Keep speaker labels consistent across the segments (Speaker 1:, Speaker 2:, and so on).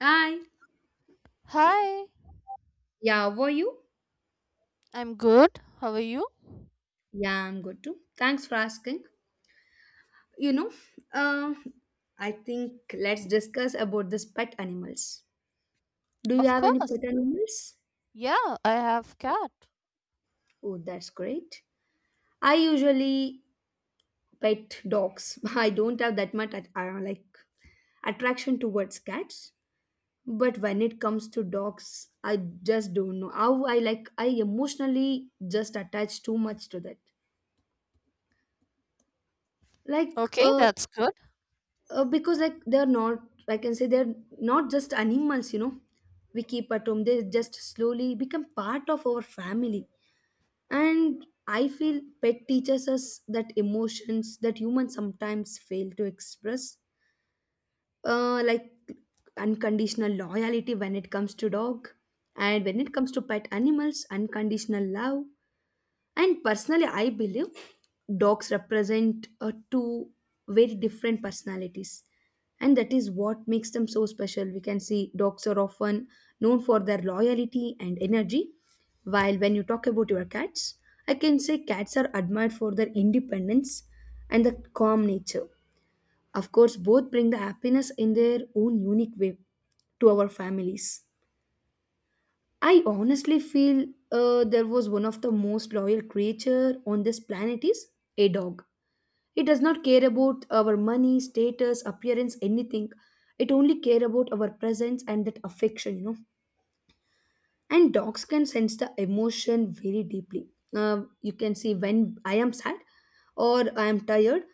Speaker 1: Hi.
Speaker 2: Hi,
Speaker 1: Yeah, how are you?
Speaker 2: I'm good. How are you?
Speaker 1: Yeah, I'm good too. Thanks for asking. You know, uh, I think let's discuss about this pet animals. Do you
Speaker 2: Of
Speaker 1: have any
Speaker 2: course,
Speaker 1: pet animals?
Speaker 2: yeah, I have cat.
Speaker 1: Oh, that's great. I usually pet dogs. I don't have that much at, like attraction towards cats, but when it comes to dogs, I just don't know how I like. I emotionally just attach too much to that. Like,
Speaker 2: Okay, that's good.
Speaker 1: because like they're not I can say they're not just animals we keep at home. They just slowly become part of our family. And I feel pet teaches us that emotions that humans sometimes fail to express, like unconditional loyalty when it comes to dog, and when it comes to pet animals, unconditional love. And personally, I believe dogs represent two very different personalities. And that is what makes them so special. We can see dogs are often known for their loyalty and energy. While when you talk about your cats, I can say cats are admired for their independence and the calm nature. Of course, both bring the happiness in their own unique way to our families. I honestly feel there was one of the most loyal creature on this planet is a dog. It does not care about our money, status, appearance, anything. It only care about our presence and that affection, you know. And dogs can sense the emotion very deeply. You can see when I am sad or I am tired,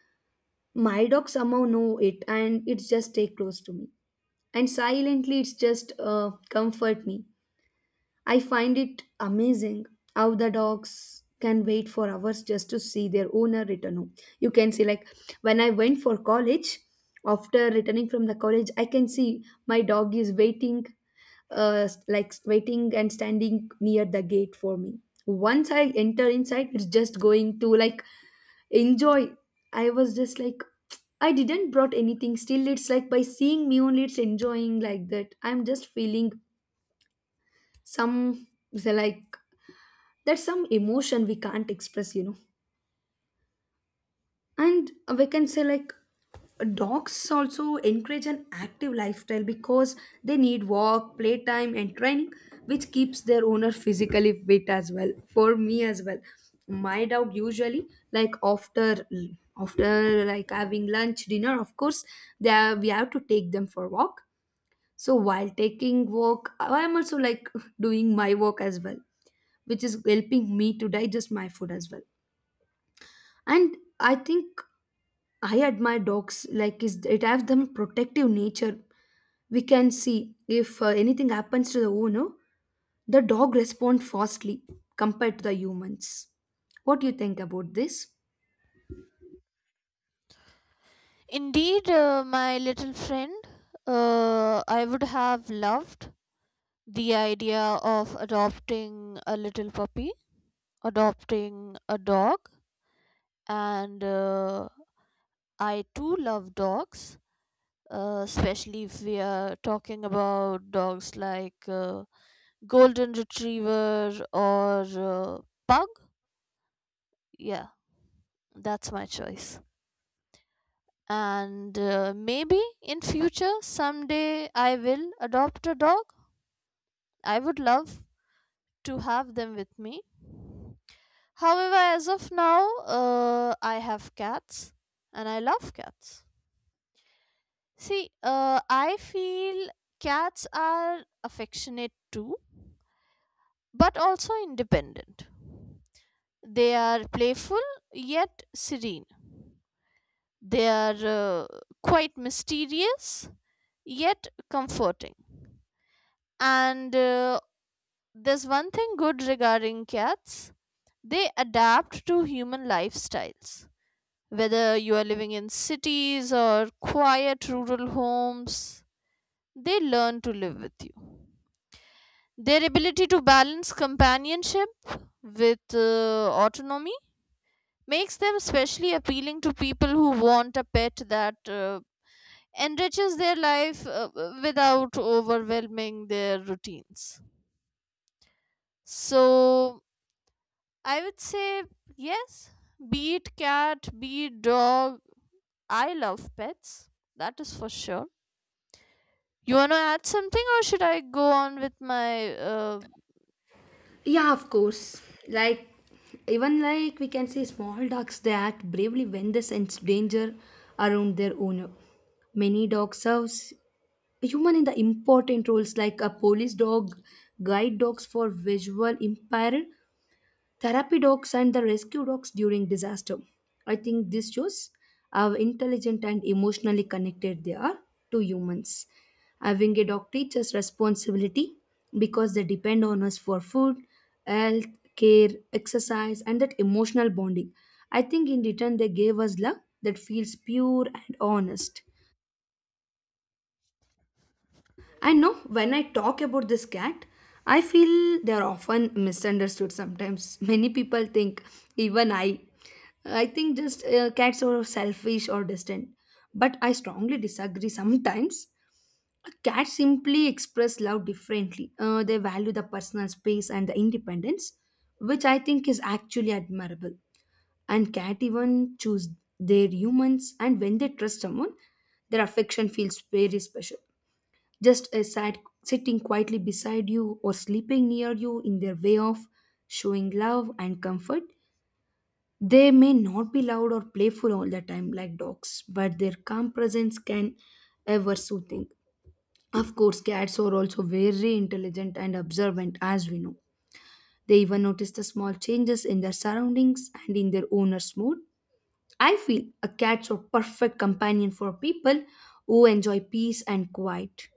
Speaker 1: my dog somehow know it and it's just stay close to me. And silently, it's just comfort me. I find it amazing how the dogs can wait for hours just to see their owner return home. You can see, like, when I went for college, after returning from the college, I can see my dog is waiting, like, waiting and standing near the gate for me. Once I enter inside, it's just going to like enjoy. I was just like, I didn't brought anything. Still, it's like by seeing me only, it's enjoying like that. I'm just feeling some so like that's some emotion we can't express and we can say like dogs also encourage an active lifestyle because they need walk playtime and training, which keeps their owner physically fit as well. For me as well, my dog usually, like, after like having lunch dinner, of course they are, we have to take them for walk. So while taking walk I am also like doing my walk as well, which is helping me to digest my food as well. And I think I admire dogs like is it has them protective nature. We can see if anything happens to the owner, the dog respond fastly compared to the humans. What do you think about this?
Speaker 2: Indeed, my little friend, I would have loved the idea of adopting a little puppy, adopting a dog, and I too love dogs. Especially if we are talking about dogs like golden retriever or pug. Yeah, that's my choice. And maybe in future someday I will adopt a dog. I would love to have them with me. However, as of now, I have cats and I love cats. See, I feel cats are affectionate too, but also independent. They are playful yet serene. They are quite mysterious yet comforting. And there's one thing good regarding cats: they adapt to human lifestyles. Whether you are living in cities or quiet rural homes, they learn to live with you. Their ability to balance companionship with autonomy makes them especially appealing to people who want a pet that enriches their life without overwhelming their routines. So I would say yes, be it cat, be it dog, I love pets. That is for sure. You want to add something, or should I go on with my?
Speaker 1: Yeah, of course. Like, even like we can say small dogs they act bravely when they sense danger around their owner. Many dogs serve human in the important roles like a police dog, guide dogs for visual impaired, therapy dogs and the rescue dogs during disaster. I think this shows how intelligent and emotionally connected they are to humans. Having a dog teaches responsibility because they depend on us for food, health, care, exercise, and that emotional bonding. I think in return, they gave us love that feels pure and honest. I know when I talk about this cat, I feel they are often misunderstood sometimes. Many people think, even I think just cats are selfish or distant. But I strongly disagree sometimes. Cats simply express love differently. They value the personal space and the independence, which I think is actually admirable. And cat even choose their humans, and when they trust someone, their affection feels very special, just sitting quietly beside you or sleeping near you in their way of showing love and comfort. They may not be loud or playful all the time like dogs, but their calm presence can ever soothing. Of course, cats are also very intelligent and observant, as we know. They even notice the small changes in their surroundings and in their owner's mood. I feel a cat's a perfect companion for people who enjoy peace and quiet.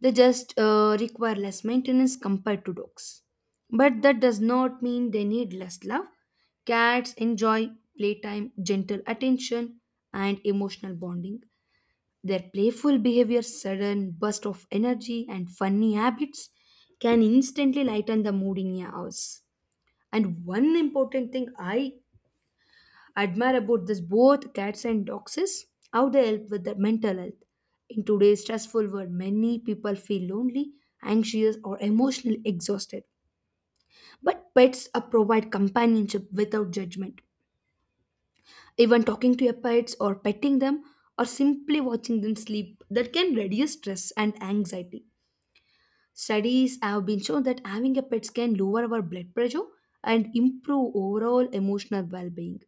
Speaker 1: They just require less maintenance compared to dogs. But that does not mean they need less love. Cats enjoy playtime, gentle attention, and emotional bonding. Their playful behavior, sudden burst of energy, and funny habits can instantly lighten the mood in a house. And one important thing I admire about this both cats and dogs is how they help with their mental health. In today's stressful world, many people feel lonely, anxious, or emotionally exhausted. But pets provide companionship without judgment. Even talking to your pets or petting them or simply watching them sleep, that can reduce stress and anxiety. Studies have been shown that having a pet can lower our blood pressure and improve overall emotional well-being.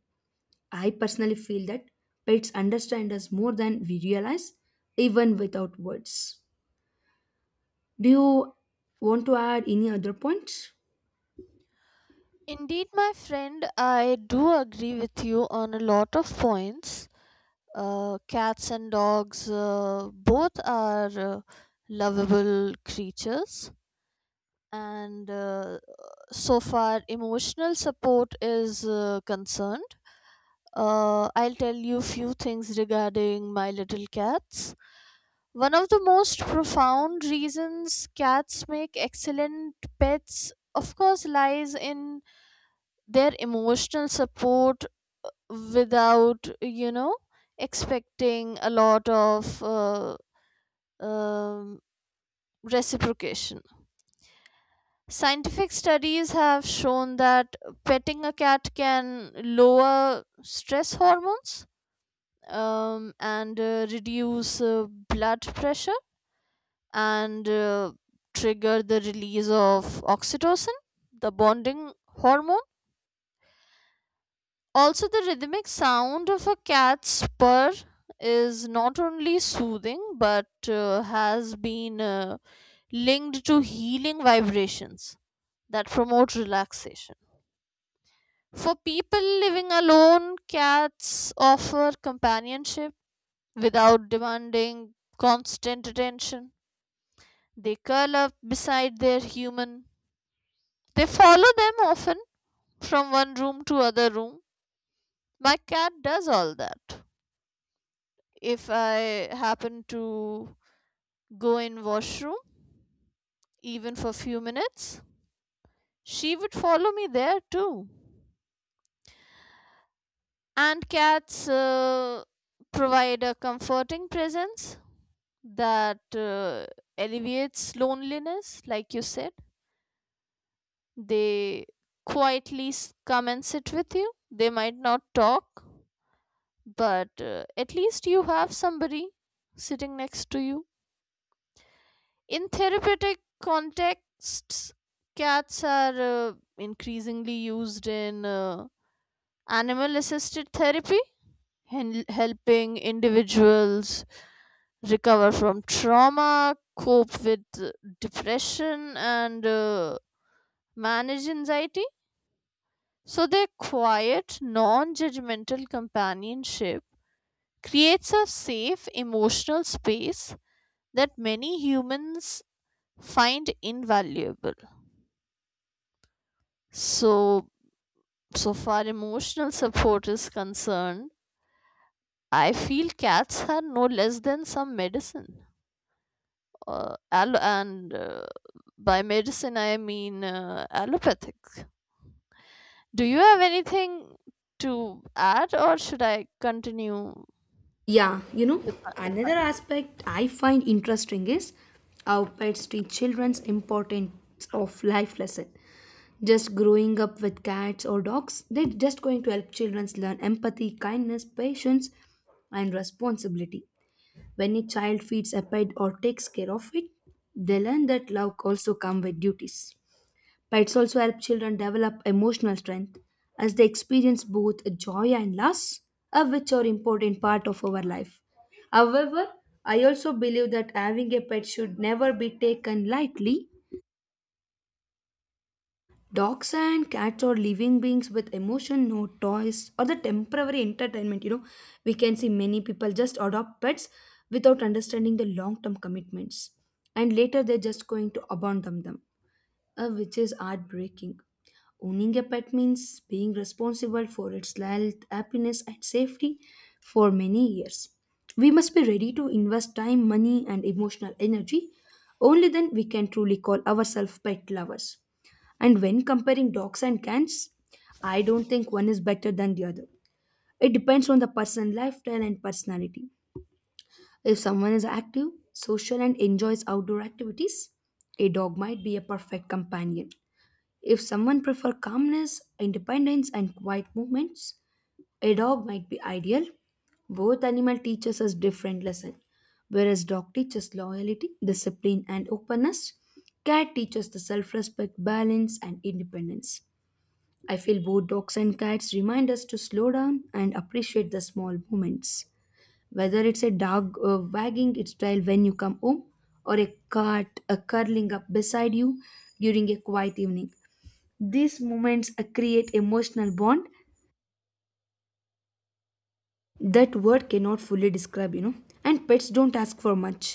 Speaker 1: I personally feel that pets understand us more than we realize, even without words. Do you want to add any other points?
Speaker 2: Indeed, my friend, I do agree with you on a lot of points. Cats and dogs both are lovable creatures, and so far emotional support is concerned, I'll tell you few things regarding my little cats. One of the most profound reasons cats make excellent pets of course lies in their emotional support, without you know expecting a lot of um, reciprocation. Scientific studies have shown that petting a cat can lower stress hormones, and reduce blood pressure and trigger the release of oxytocin, the bonding hormone. Also, the rhythmic sound of a cat's purr is not only soothing but has been linked to healing vibrations that promote relaxation. For people living alone, cats offer companionship without demanding constant attention. They curl up beside their human. They follow them often from one room to other room. My cat does all that. If I happen to go in washroom even for few minutes, she would follow me there too. And cats provide a comforting presence that alleviates loneliness, like you said. They quietly come and sit with you. They might not talk, but at least you have somebody sitting next to you. In therapeutic contexts, cats are increasingly used in animal assisted therapy, helping individuals recover from trauma, cope with depression, and manage anxiety. So, their quiet, non judgmental companionship creates a safe emotional space that many humans find invaluable. So, so far emotional support is concerned, I feel cats are no less than some medicine, al- and by medicine, I mean allopathic. Do you have anything to add, or should I continue
Speaker 1: Yeah,
Speaker 2: with my?
Speaker 1: another aspect I find interesting is how pets teach children's importance of life lesson. Just growing up with cats or dogs, they're just going to help children learn empathy, kindness, patience, and responsibility. When a child feeds a pet or takes care of it, they learn that love also comes with duties. Pets also help children develop emotional strength as they experience both joy and loss, of which are important part of our life. However, I also believe that having a pet should never be taken lightly. Dogs and cats are living beings with emotion, no toys or the temporary entertainment. You know, we can see many people just adopt pets without understanding the long term commitments, and later they're just going to abandon them, which is heartbreaking. Owning a pet means being responsible for its health, happiness, and safety for many years. We must be ready to invest time, money, and emotional energy. Only then we can truly call ourselves pet lovers. And when comparing dogs and cats, I don't think one is better than the other. It depends on the person lifestyle and personality. If someone is active, social, and enjoys outdoor activities, a dog might be a perfect companion. If someone prefers calmness, independence, and quiet movements, a dog might be ideal. Both animal teaches us different lessons. Whereas dog teaches loyalty, discipline, and openness, cat teaches the self-respect, balance, and independence. I feel both dogs and cats remind us to slow down and appreciate the small moments. Whether it's a dog wagging its tail when you come home or a cat curling up beside you during a quiet evening, these moments create emotional bond that word cannot fully describe. And pets don't ask for much,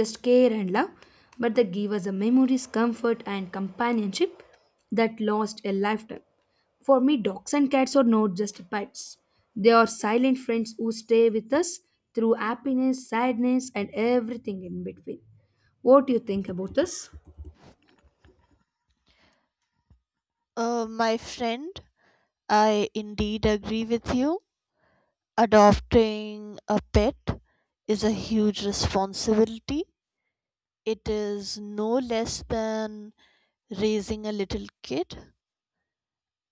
Speaker 1: just care and love, but they give us the memories comfort and companionship that last a lifetime. For me, dogs and cats are not just pets, they are silent friends who stay with us through happiness sadness and everything in between. What do you think about this?
Speaker 2: My friend, I indeed agree with you. Adopting a pet is a huge responsibility. It is no less than raising a little kid.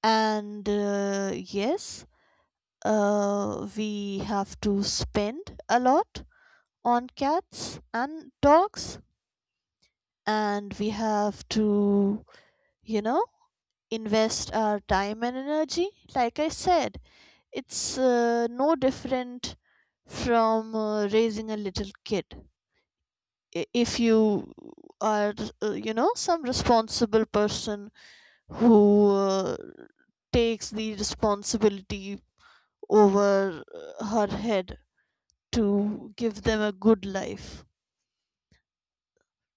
Speaker 2: And yes, we have to spend a lot on cats and dogs. And we have to, you know, invest our time and energy. Like I said, it's no different from raising a little kid. If you are, you know, some responsible person who takes the responsibility over her head to give them a good life.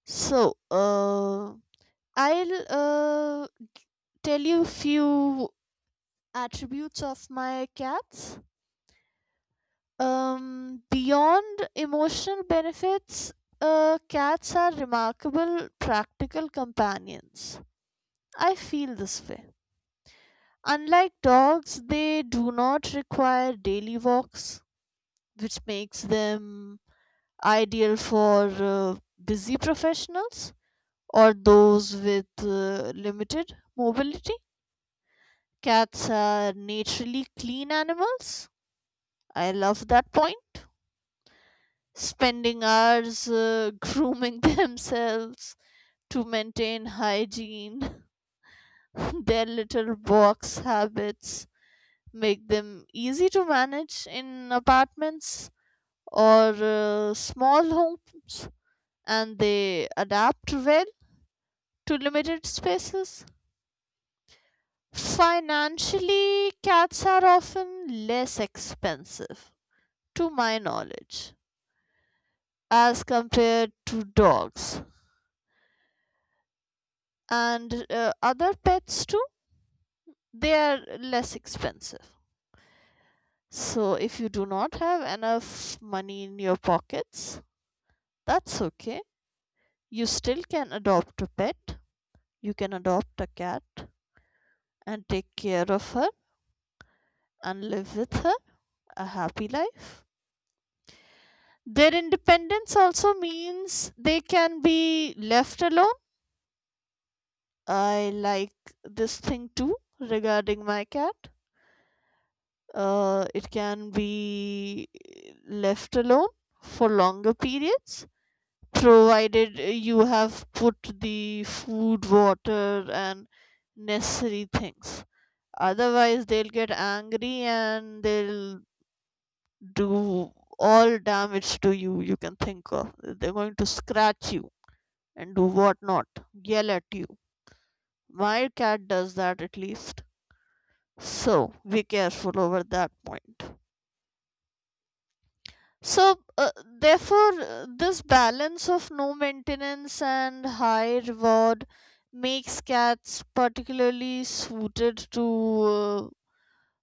Speaker 2: So, I'll tell you few attributes of my cats. Beyond emotional benefits, cats are remarkable practical companions. I feel this way. Unlike dogs, they do not require daily walks, which makes them ideal for busy professionals or those with limited mobility. Cats are naturally clean animals. I love that point, spending hours grooming themselves to maintain hygiene. Their little box habits make them easy to manage in apartments or small homes, and they adapt well to limited spaces. Financially, cats are often less expensive, to my knowledge, as compared to dogs, and other pets too they are less expensive. So if you do not have enough money in your pockets, that's okay. You still can adopt a pet. You can adopt a cat and take care of her and live with her a happy life. Their independence also means they can be left alone. I like this thing too regarding my cat. It can be left alone for longer periods, provided you have put the food, water, and necessary things. Otherwise, they'll get angry and they'll do all damage to you you can think of. They're going to scratch you and do whatnot, yell at you. My cat does that at least. So be careful over that point. So, therefore, this balance of no maintenance and high reward makes cats particularly suited to uh,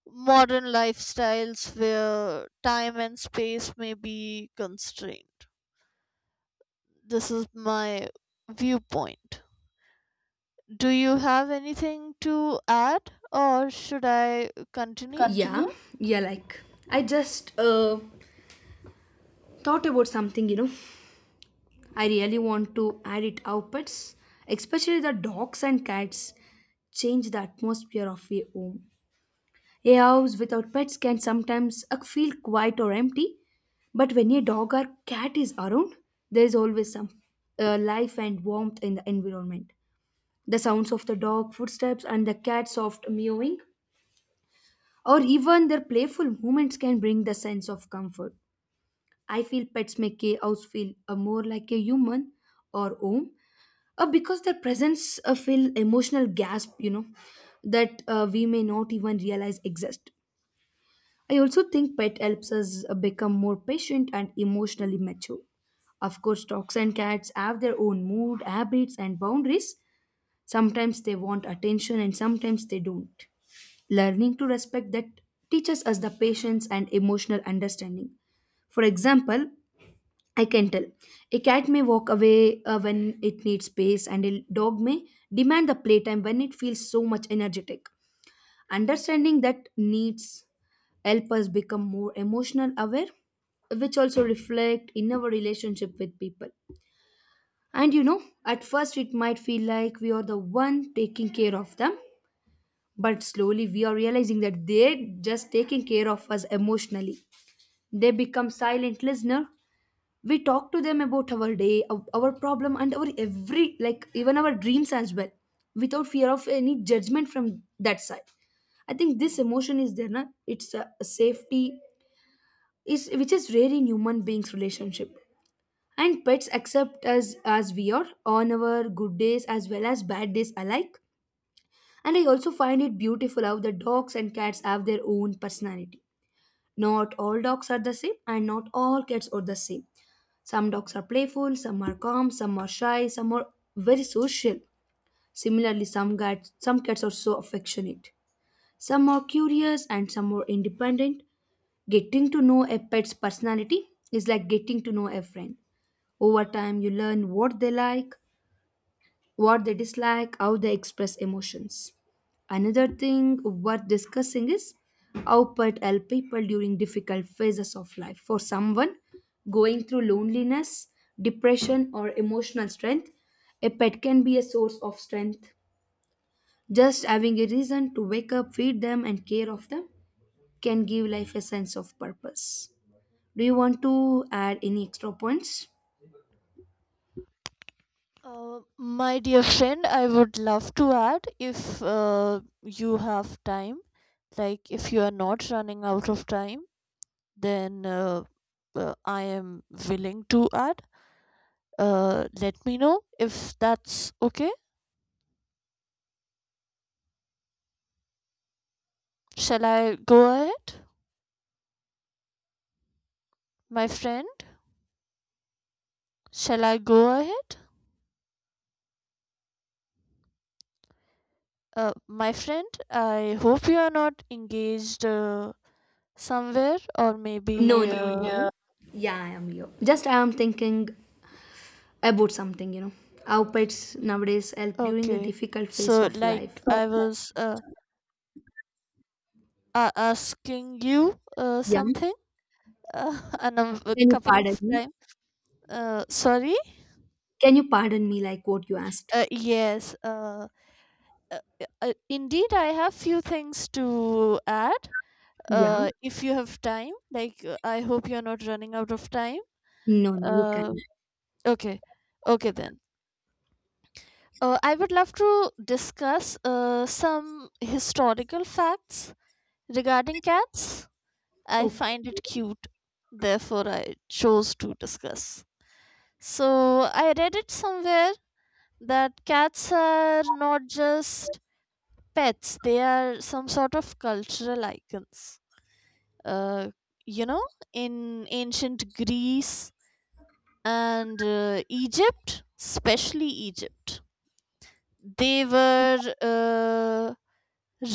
Speaker 2: modern lifestyles where time and space may be constrained. This is my viewpoint. Do you have anything to add, or should I continue?
Speaker 1: Yeah. Continue. Yeah, like, I just thought about something. I really want to add it. Outfits, especially the dogs and cats, change the atmosphere of a home. A house without pets can sometimes feel quiet or empty, but when a dog or cat is around, there is always some life and warmth in the environment. The sounds of the dog footsteps and the cat's soft mewing, or even their playful movements, can bring the sense of comfort. I feel pets make a house feel more like a human or home, because their presence fill emotional gasp that we may not even realize exist. I also think pet helps us become more patient and emotionally mature. Of course dogs and cats have their own mood habits and boundaries. Sometimes they want attention and sometimes they don't. Learning to respect that teaches us the patience and emotional understanding. For example, I can tell. A cat may walk away when it needs space, and a dog may demand the playtime when it feels so much energetic. Understanding that needs help us become more emotional aware, which also reflect in our relationship with people. And at first it might feel like we are the one taking care of them, but slowly we are realizing that they're just taking care of us emotionally. They become silent listener. We talk to them about our day, our problem and our every like even our dreams as well, without fear of any judgment from that side. I think this emotion is there na? It's a safety is which is rare in human beings relationship. And pets accept us as we are, on our good days as well as bad days alike. And I also find it beautiful how the dogs and cats have their own personality. Not all dogs are the same and not all cats are the same. Some dogs are playful, some are calm, some are shy, some are very social. Similarly, some cats are so affectionate. Some are curious and some are independent. Getting to know a pet's personality is like getting to know a friend. Over time, you learn what they like, what they dislike, how they express emotions. Another thing worth discussing is how pet help people during difficult phases of life. For someone going through loneliness, depression, or emotional strength, a pet can be a source of strength. Just having a reason to wake up, feed them, and care of them can give life a sense of purpose. Do you want to add any extra points?
Speaker 2: My dear friend, I would love to add if you have time, like if you are not running out of time, then I am willing to add. Let me know if that's okay. Shall I go ahead, my friend? Shall I go ahead? My friend, I hope you are not engaged somewhere or
Speaker 1: No,
Speaker 2: maybe.
Speaker 1: no, maybe no. No. Yeah, I am you. Just I am thinking about something, you know. How pets nowadays help during the
Speaker 2: Okay,
Speaker 1: difficult phase
Speaker 2: so
Speaker 1: of
Speaker 2: like
Speaker 1: life.
Speaker 2: I was. Asking you
Speaker 1: Yeah.
Speaker 2: something, a number,
Speaker 1: Can you
Speaker 2: couple of
Speaker 1: pardon me?
Speaker 2: time. Sorry.
Speaker 1: Can you pardon me like what you asked?
Speaker 2: Yes. Uh, Indeed, I have few things to add.
Speaker 1: Yeah.
Speaker 2: If you have time, like I hope you're not running out of time.
Speaker 1: No, no, you can.
Speaker 2: Uh, okay. Okay then. I would love to discuss some historical facts regarding cats. I
Speaker 1: Oh,
Speaker 2: find it cute, therefore I chose to discuss. So I read it somewhere that cats are not just pets, they are some sort of cultural icons. Uh, you know, in ancient Greece and Egypt, especially Egypt, they were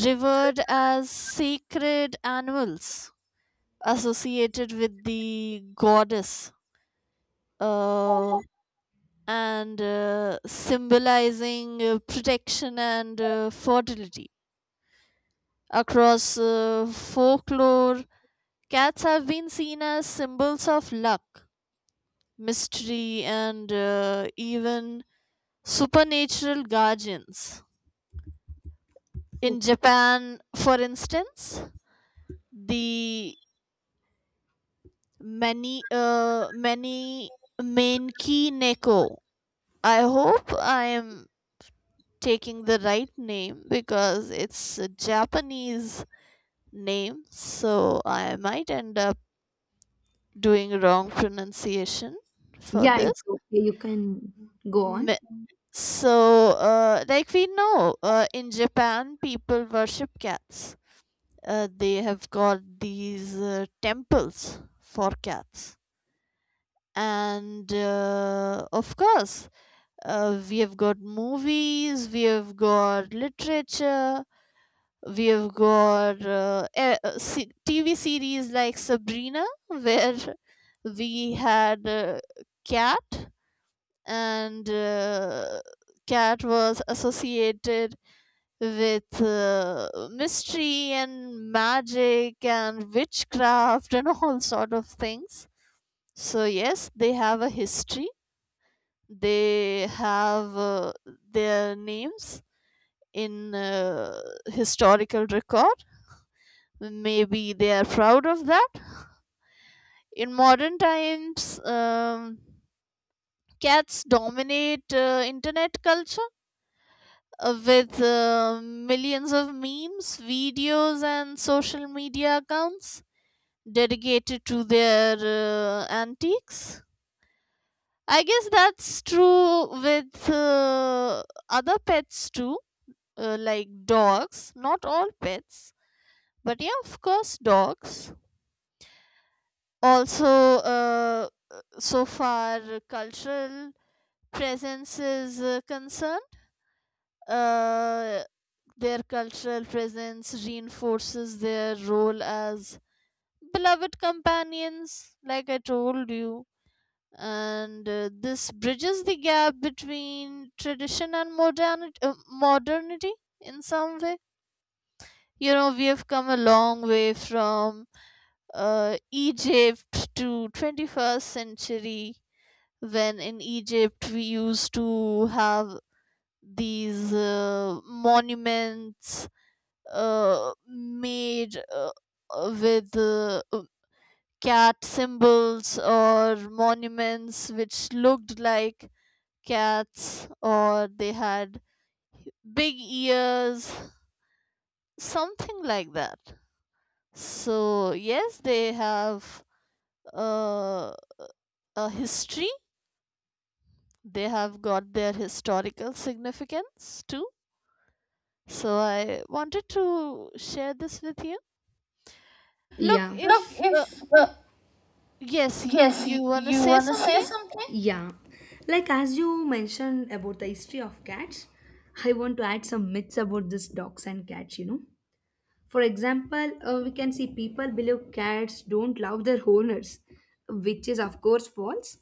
Speaker 2: revered as sacred animals associated with the goddess. Uh, and Symbolizing protection and fertility. Across folklore, cats have been seen as symbols of luck, mystery, and even supernatural guardians. In
Speaker 1: oh.
Speaker 2: Japan, for instance, the many Menki Neko, I hope I am taking the right name because it's a Japanese name, so I might end up doing wrong pronunciation for
Speaker 1: Yeah,
Speaker 2: this.
Speaker 1: it's okay. You can go on.
Speaker 2: Me- So, like we know, in Japan, people worship cats. They have got these temples for cats. And of course, we have got movies, we have got literature, we've got TV series like Sabrina, where we had Cat, and Cat was associated with mystery and magic and witchcraft and all sort of things. So yes, they have a history. They have their names in historical record. Maybe they are proud of that. In modern times, cats dominate internet culture with millions of memes, videos, and social media accounts dedicated to their antiques. I guess that's true with other pets too, like dogs. Not all pets, but yeah, of course, dogs. Also, so far cultural presence is concerned, uh, their cultural presence reinforces their role as beloved companions, like I told you. And this bridges the gap between tradition and modernity, modernity in some way. You know, we have come a long way from Egypt to 21st century, when in Egypt we used to have these monuments made with cat symbols, or monuments which looked like cats, or they had big ears, something like that. So, yes, they have uh, a history, they have got their historical significance too. So I wanted to share this with you. Look,
Speaker 1: Yeah. Look,
Speaker 2: if
Speaker 1: if
Speaker 2: yes,
Speaker 1: yes,
Speaker 2: you want to
Speaker 1: you
Speaker 2: say
Speaker 1: wanna say
Speaker 2: something?
Speaker 1: something? Yeah. Like as you mentioned about the history of cats, I want to add some myths about this dogs and cats, you know. For example, we can see people believe cats don't love their owners, which is, of course, false.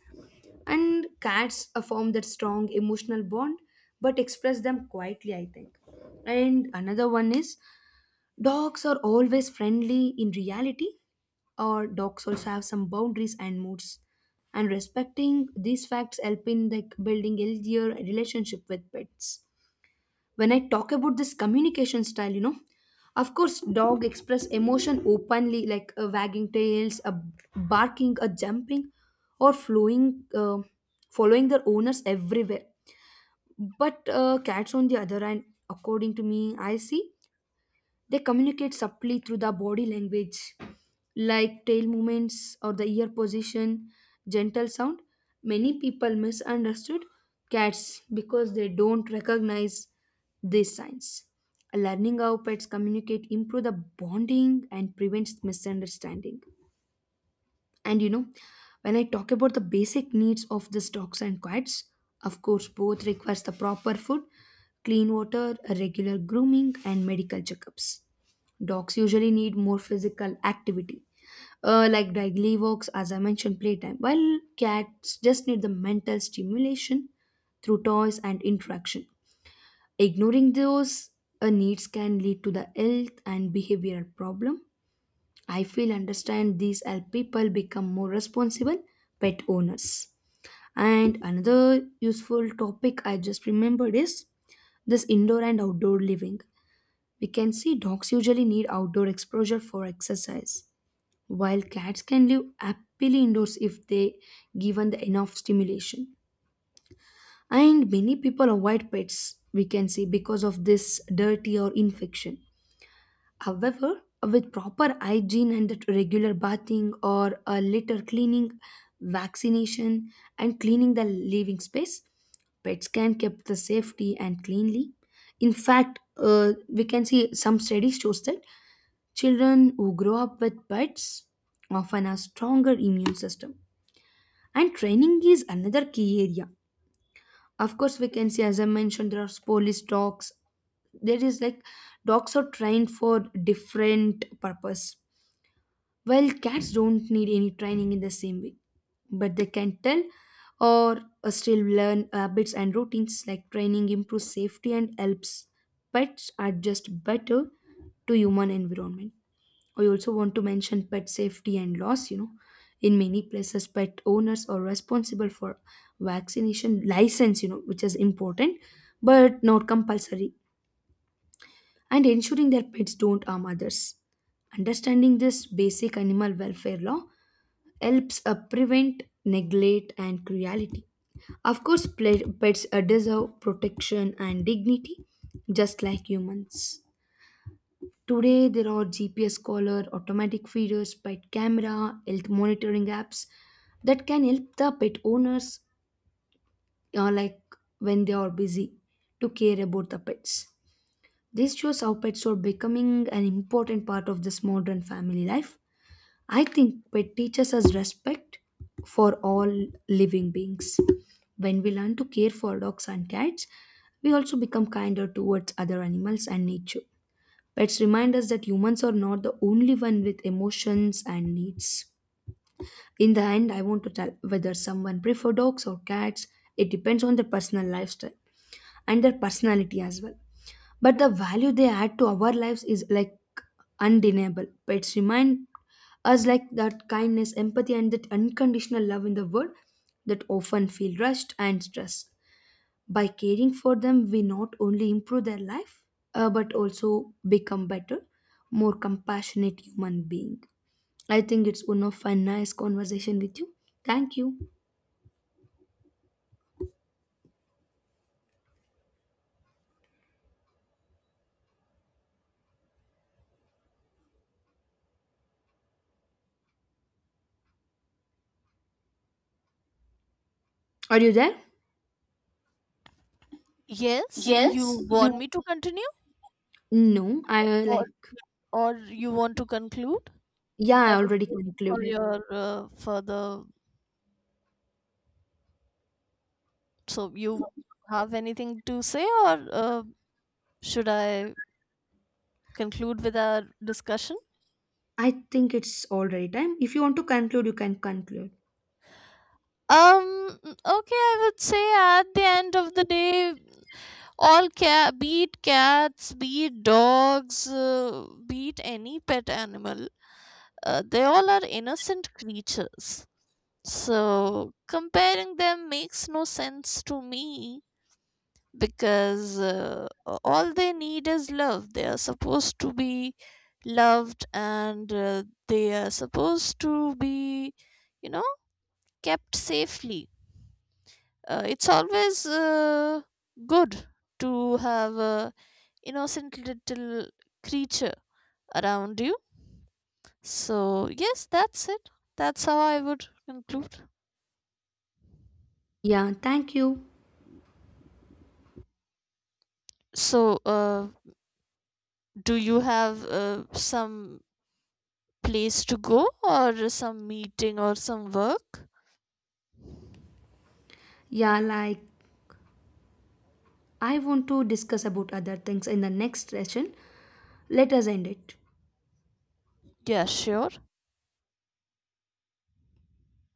Speaker 1: And cats form that strong emotional bond but express them quietly, I think. And another one is dogs are always friendly in reality, or dogs also have some boundaries and moods. And respecting these facts help in like building healthier relationship with pets when I talk about this communication style, you know, of course, dog express emotion openly, like wagging tails, barking, jumping, or flowing, following their owners everywhere. But cats, on the other hand, according to me, I see they communicate subtly through the body language, like tail movements or the ear position, gentle sound. Many people misunderstood cats because they don't recognize these signs. Learning how pets communicate improve the bonding and prevents misunderstanding. And you know, when I talk about the basic needs of these dogs and cats, of course, both requires the proper food, clean water, a regular grooming, and medical checkups. Dogs usually need more physical activity, like daily walks, as I mentioned, playtime, while cats just need the mental stimulation through toys and interaction. Ignoring those needs can lead to the health and behavioral problem. I feel understand these help people become more responsible pet owners. And another useful topic I just remembered is this indoor and outdoor living. We can see dogs usually need outdoor exposure for exercise, while cats can live happily indoors if they given the enough stimulation. And many people avoid pets we can see because of this dirty or infection. However, with proper hygiene and that regular bathing or a litter cleaning, vaccination, and cleaning the living space, pets can keep the safety and cleanly. In fact, we can see some studies shows that children who grow up with pets often have stronger immune system. And training is another key area. Of course, we can see as I mentioned, there are police dogs. There is like dogs are trained for different purpose, well, cats don't need any training in the same way, but they can tell or still learn habits and routines like training improves safety and helps pets adjust better to human environment. I also want to mention pet safety and loss, you know. In many places, pet owners are responsible for vaccination license, you know, which is important, but not compulsory, and ensuring their pets don't harm others. Understanding this basic animal welfare law helps prevent neglect and cruelty. Of course, pets deserve protection and dignity just like humans. Today, there are GPS collar, automatic feeders, pet camera, health monitoring apps that can help the pet owners, like when they are busy, to care about the pets. This shows how pets are becoming an important part of this modern family life. I think pet teaches us respect for all living beings. When we learn to care for dogs and cats, we also become kinder towards other animals and nature. Pets remind us that humans are not the only one with emotions and needs. In the end, I want to tell whether someone prefer dogs or cats. It depends on their personal lifestyle and their personality as well, but the value they add to our lives is like undeniable. Pets remind us like that kindness, empathy, and that unconditional love in the world that often feel rushed and stressed. By caring for them we not only improve their life, but also become better, more compassionate human being. I think it's one of a nice conversation with you. Thank you. Are you there?
Speaker 2: Yes, you
Speaker 1: Yes,
Speaker 2: want
Speaker 1: you.
Speaker 2: me to continue
Speaker 1: No, i uh,
Speaker 2: or
Speaker 1: like
Speaker 2: or you want to conclude?
Speaker 1: Yeah,
Speaker 2: I
Speaker 1: I
Speaker 2: was
Speaker 1: already
Speaker 2: waiting for
Speaker 1: concluded.
Speaker 2: your further, so you have anything to say, or should I conclude with our discussion?
Speaker 1: I think it's already time. If you want to conclude, you can conclude.
Speaker 2: Um okay, I would say at the end of the day, all cat, be it cats, be it dogs, be it any pet animal, they all are innocent creatures, so comparing them makes no sense to me, because all they need is love. They are supposed to be loved, and they are supposed to be, you know, kept safely. It's always good to have a innocent little creature around you. So yes, that's it, that's how I would conclude.
Speaker 1: Yeah, thank you.
Speaker 2: So do you have some place to go or some meeting or some work?
Speaker 1: Yeah, like I want to discuss about other things in the next session. Let us end it.
Speaker 2: Yeah, sure.